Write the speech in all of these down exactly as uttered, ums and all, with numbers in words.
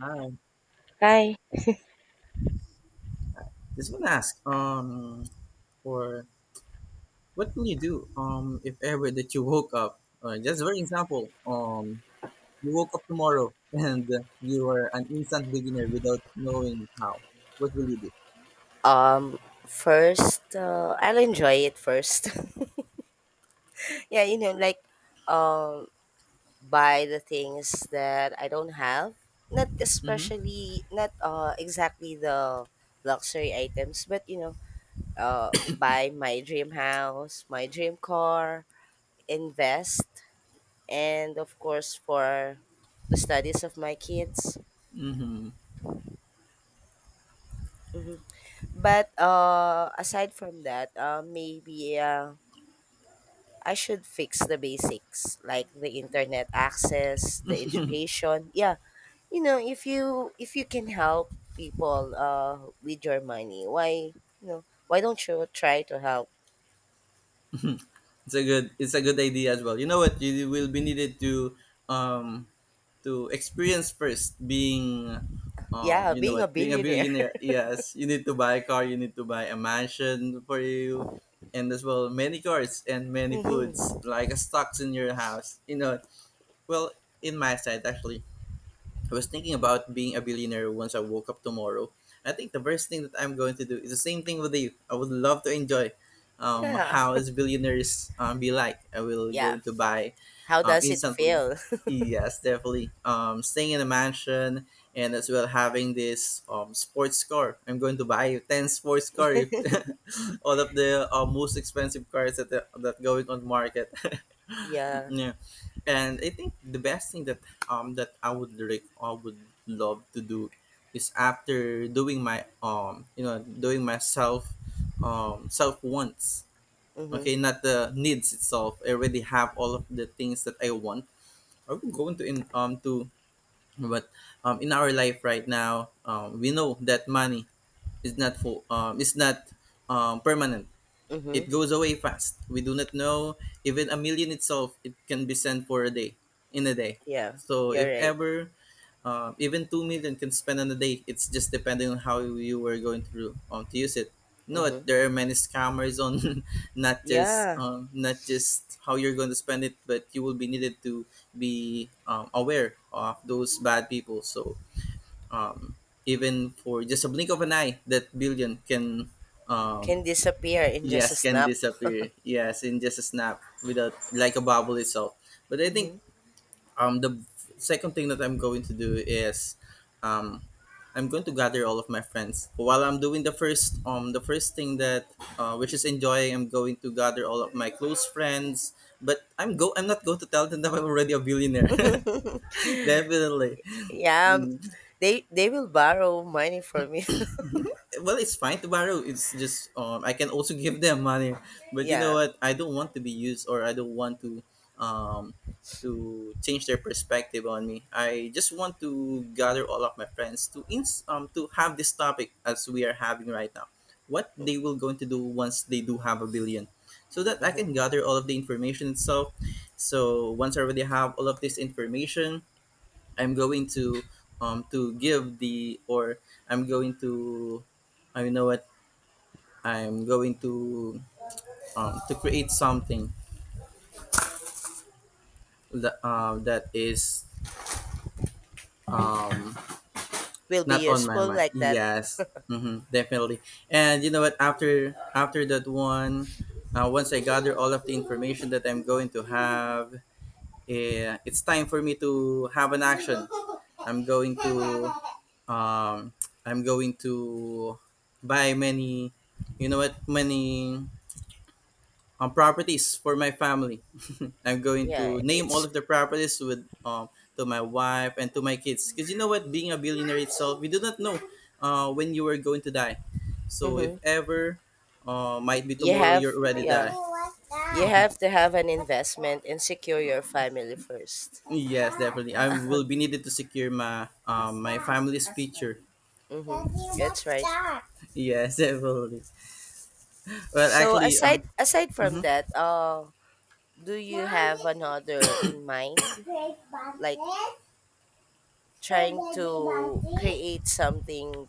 Hi. Hi. Just want to ask, um, for what will you do, um, if ever that you woke up? Uh, just for example, um, you woke up tomorrow and you are an instant beginner without knowing how. What will you do? Um, First, uh, I'll enjoy it first. Yeah, you know, like buy the things that I don't have. Not Mm-hmm. especially, not uh, exactly the luxury items, but you know, uh, buy my dream house, my dream car, invest, and of course for the studies of my kids. Mm-hmm. But uh, aside from that, uh, maybe uh, I should fix the basics like the internet access, the education. Yeah, you know, if you if you can help people uh with your money, why you know why don't you try to help? It's a good it's a good idea as well. You know what you will be needed to um to experience first being um Yeah, you know being a what, being a billionaire. billionaire. Yes, you need to buy a car, you need to buy a mansion for you, and as well many cars and many foods Hmm. like stocks in your house you know Well, in my side actually, I was thinking about being a billionaire once I woke up tomorrow. I think the first thing that I'm going to do is the same thing with you. I would love to enjoy um, Yeah, how is billionaires um, be like. I will yeah. going to buy How um, does it instantly. feel? Yes, definitely. Um, staying in a mansion and as well having this um, sports car. I'm going to buy you ten sports car, if- all of the uh, most expensive cars that that going on the market. Yeah. Yeah, and I think the best thing that um that I would rec- I would love to do is after doing my um you know, doing my self um self wants. Mm-hmm. Okay, not the needs itself. I already have all of the things that I want. I would go into in um to, but um in our life right now, um we know that money is not for um is not um permanent. Mm-hmm. It goes away fast. We do not know, even a million itself. It can be sent for a day, in a day. Yeah, So you're if right. ever, uh, even two million can spend on a day. It's just depending on how you were going to um, to use it. No, Mm-hmm. there are many scammers on not just Yeah, um, not just how you're going to spend it, but you will be needed to be um, aware of those bad people. So um, even for just a blink of an eye, that billion can can um, disappear in just a yes, can snap. disappear, yes, in just a snap, without like a bubble itself. But I think Mm-hmm. um the second thing that I'm going to do is um I'm going to gather all of my friends while I'm doing the first um the first thing that uh, which is enjoying. I'm going to gather all of my close friends, but i'm go I'm not going to tell them that I'm already a billionaire. Definitely. Yeah, they they will borrow money from you. Well, it's fine to borrow. It's just um I can also give them money, but you know Yeah. what, I don't want to be used, or I don't want to um to change their perspective on me. I just want to gather all of my friends to ins um to have this topic as we are having right now. What they will going to do once they do have a billion, so that I Hmm. can gather all of the information itself. So once I already have all of this information, I'm going to um to give the, or I'm going to, I know what I'm going to um to create something that uh, that is um Will not be on my useful mind. like that. Yes, mm-hmm, definitely. And you know what? After after that one, uh, once I gather all of the information that I'm going to have, eh, it's time for me to have an action. I'm going to um, I'm going to buy many, you know what, many um, properties for my family. I'm going Yeah, to name all it's. of the properties with um to my wife and to my kids. Because you know what, being a billionaire itself, we do not know uh, when you are going to die. So if Hmm. ever, uh, might be You tomorrow, have, you're already die. yeah, What's you that? have to have an What's that? investment and secure your family first. Yes, definitely. I will be needed to secure my um my family's future. Daddy, Mm-hmm. That's what's right. that? Yes, definitely. Well, So actually, uh aside aside from mhm. that, uh do Mom, you have this is another in mind, great like bounces trying for baby to bounces. create something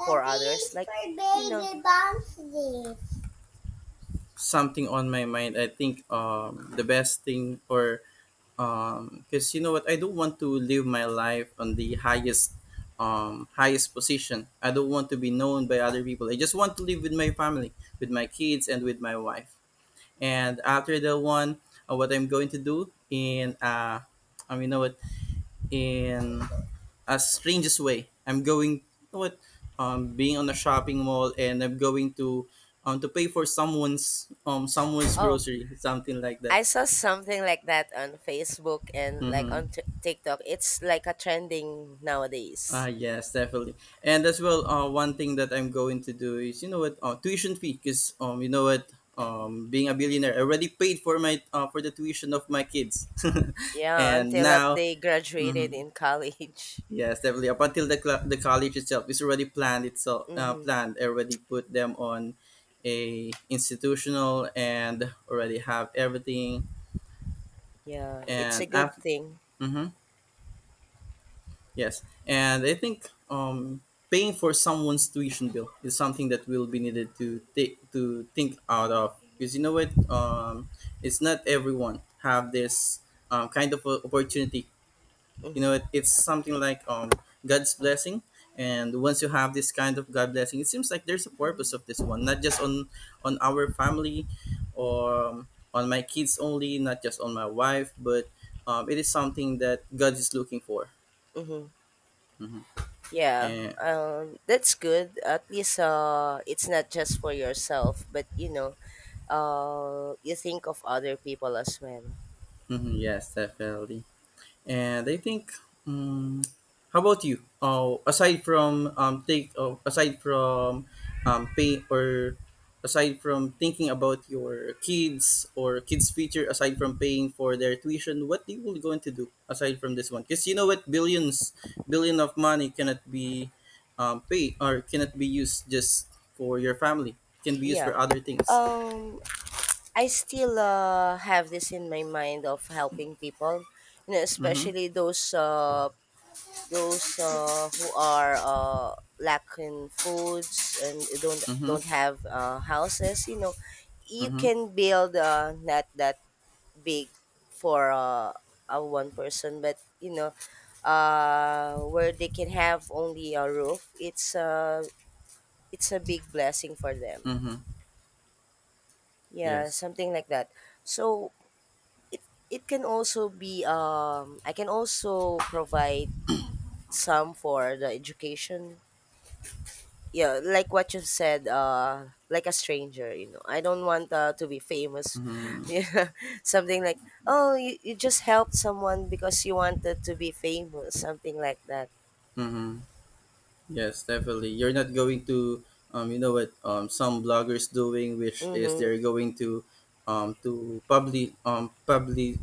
for others, it's like for you know baby bounces. Something on my mind. I think um the best thing, or um because you know what, I don't want to live my life on the highest um highest position. I don't want to be known by other people. I just want to live with my family, with my kids and with my wife. And after the one, uh, what I'm going to do in uh I mean, you know what, in a strangest way, I'm going, you know what, um being on a shopping mall, and I'm going to um to pay for someone's um someone's Oh, grocery, something like that. I saw something like that on Facebook and like Mm-hmm. on t- TikTok. It's like a trending Ah, nowadays. yes, definitely. And as well, uh, one thing that I'm going to do is, you know what, uh, tuition fee, because, um, you know what, um, being a billionaire, I already paid for my, uh, for the tuition of my kids. Yeah, And until up now, they graduated mhm, in college. yes, definitely, up until the, cl- the college itself is already planned itself, uh, Mm-hmm. planned, I already put them on a institutional and already have everything. Yeah, it's a And good after, thing. yes, and I think um, paying for someone's tuition bill is something that will be needed to take to think out of, because you know what, um, it's not everyone have this um, kind of a opportunity. You know, Mm-hmm. it, it's something like um, God's blessing. And once you have this kind of God blessing, it seems like there's a purpose of this one, not just on on our family, or um, on my kids only, not just on my wife, but um, it is something that God is looking for. Mm-hmm. Mhm. Yeah, And um, that's good. At least uh, it's not just for yourself, but you know, uh, you think of other people as well. mhm, yes, definitely. And I think, um, how about you? Oh, aside from um, take, oh, aside from um, pay or aside from thinking about your kids or kids' future, aside from paying for their tuition, what do you will going to do aside from this one? Because you know what, billions, billion of money cannot be um, paid, or cannot be used just for your family. It can be used Yeah. for other things. Um, I still uh, have this in my mind of helping people, you know, Mm-hmm. especially those uh, those uh, who are uh, lacking foods and don't don't Mm-hmm. have uh, houses, you know. You Mm-hmm. can build, uh, not that big, for uh, a one person, but you know, uh, where they can have only a roof. It's uh, it's a big blessing for them. Mm-hmm. Yeah, Yes. something like that. So it it can also be, um I can also provide some for the education. Yeah, like what you said, uh like a stranger. You know, I don't want, uh, to be famous. Mm-hmm. Yeah, something like, oh, you, you just helped someone because you wanted to be famous, something like that. Mm-hmm. Yes, definitely. You're not going to, um, you know what, um, some bloggers doing, which is Mm-hmm. they're going to, um, to public, um, public,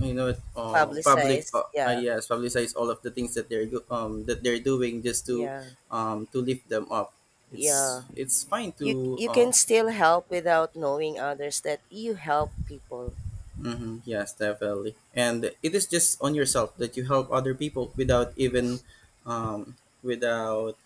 you know, what, um, public, Publicized, uh, uh, yeah. yes, publicize all of the things that they're, go- um, that they're doing just to, Yeah. um, to lift them up. Yeah, It's it's fine you to, you uh, can still help without knowing others that you help people. mm-hmm. Yes, definitely. And it is just on yourself that you help other people without even, um, without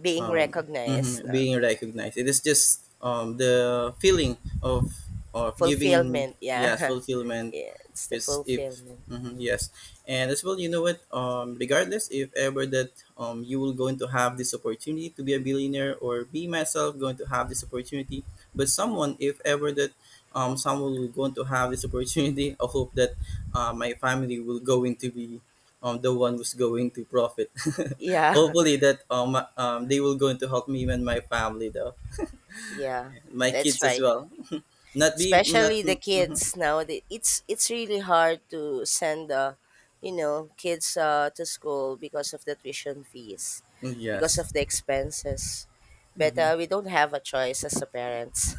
Being um, recognized mhm, now. being recognized. It is just um, the feeling of of giving, Fulfillment, yeah. yes, fulfillment. Yeah, it's the It's if, fulfillment. mhm, yes, and as well, you know what? Um, regardless, if ever that um you will going to have this opportunity to be a billionaire, or be myself going to have this opportunity, but someone, if ever that um someone will going to have this opportunity, I hope that uh, my family will going to be um the one who's going to profit. Yeah. Hopefully that um um they will going to help me and my family though, Yeah, and my that's kids as right. well. Not be not. Especially the Mhm. kids now. it's it's really hard to send, uh, you know, kids uh, to school because of the tuition fees, because Yes. of the expenses. But uh, we don't have a choice as a parents.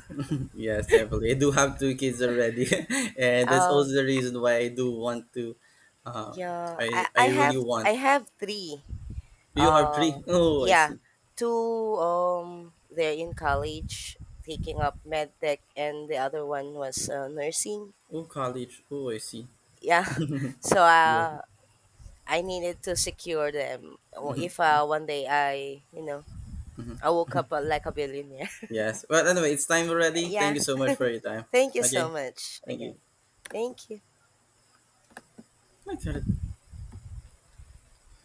Yes, definitely. I do have two kids already. And that's uh also the reason why I do want to. Um, yeah, I i i I really have, want. I have three. You have uh three. Oh, I yeah, see. two, um they're in college, taking up med tech, and the other one was uh, nursing. Oh, college. Oh, I see. Yeah. So Yes. uh I needed to secure them Mhm. if uh, one day I, you know, Mhm. I woke up uh, like a billionaire. Yes. Well, anyway, it's time already. Thank Yeah. you so much for your time. Thank you so Okay. much Thank you. again. Thank you. Okay.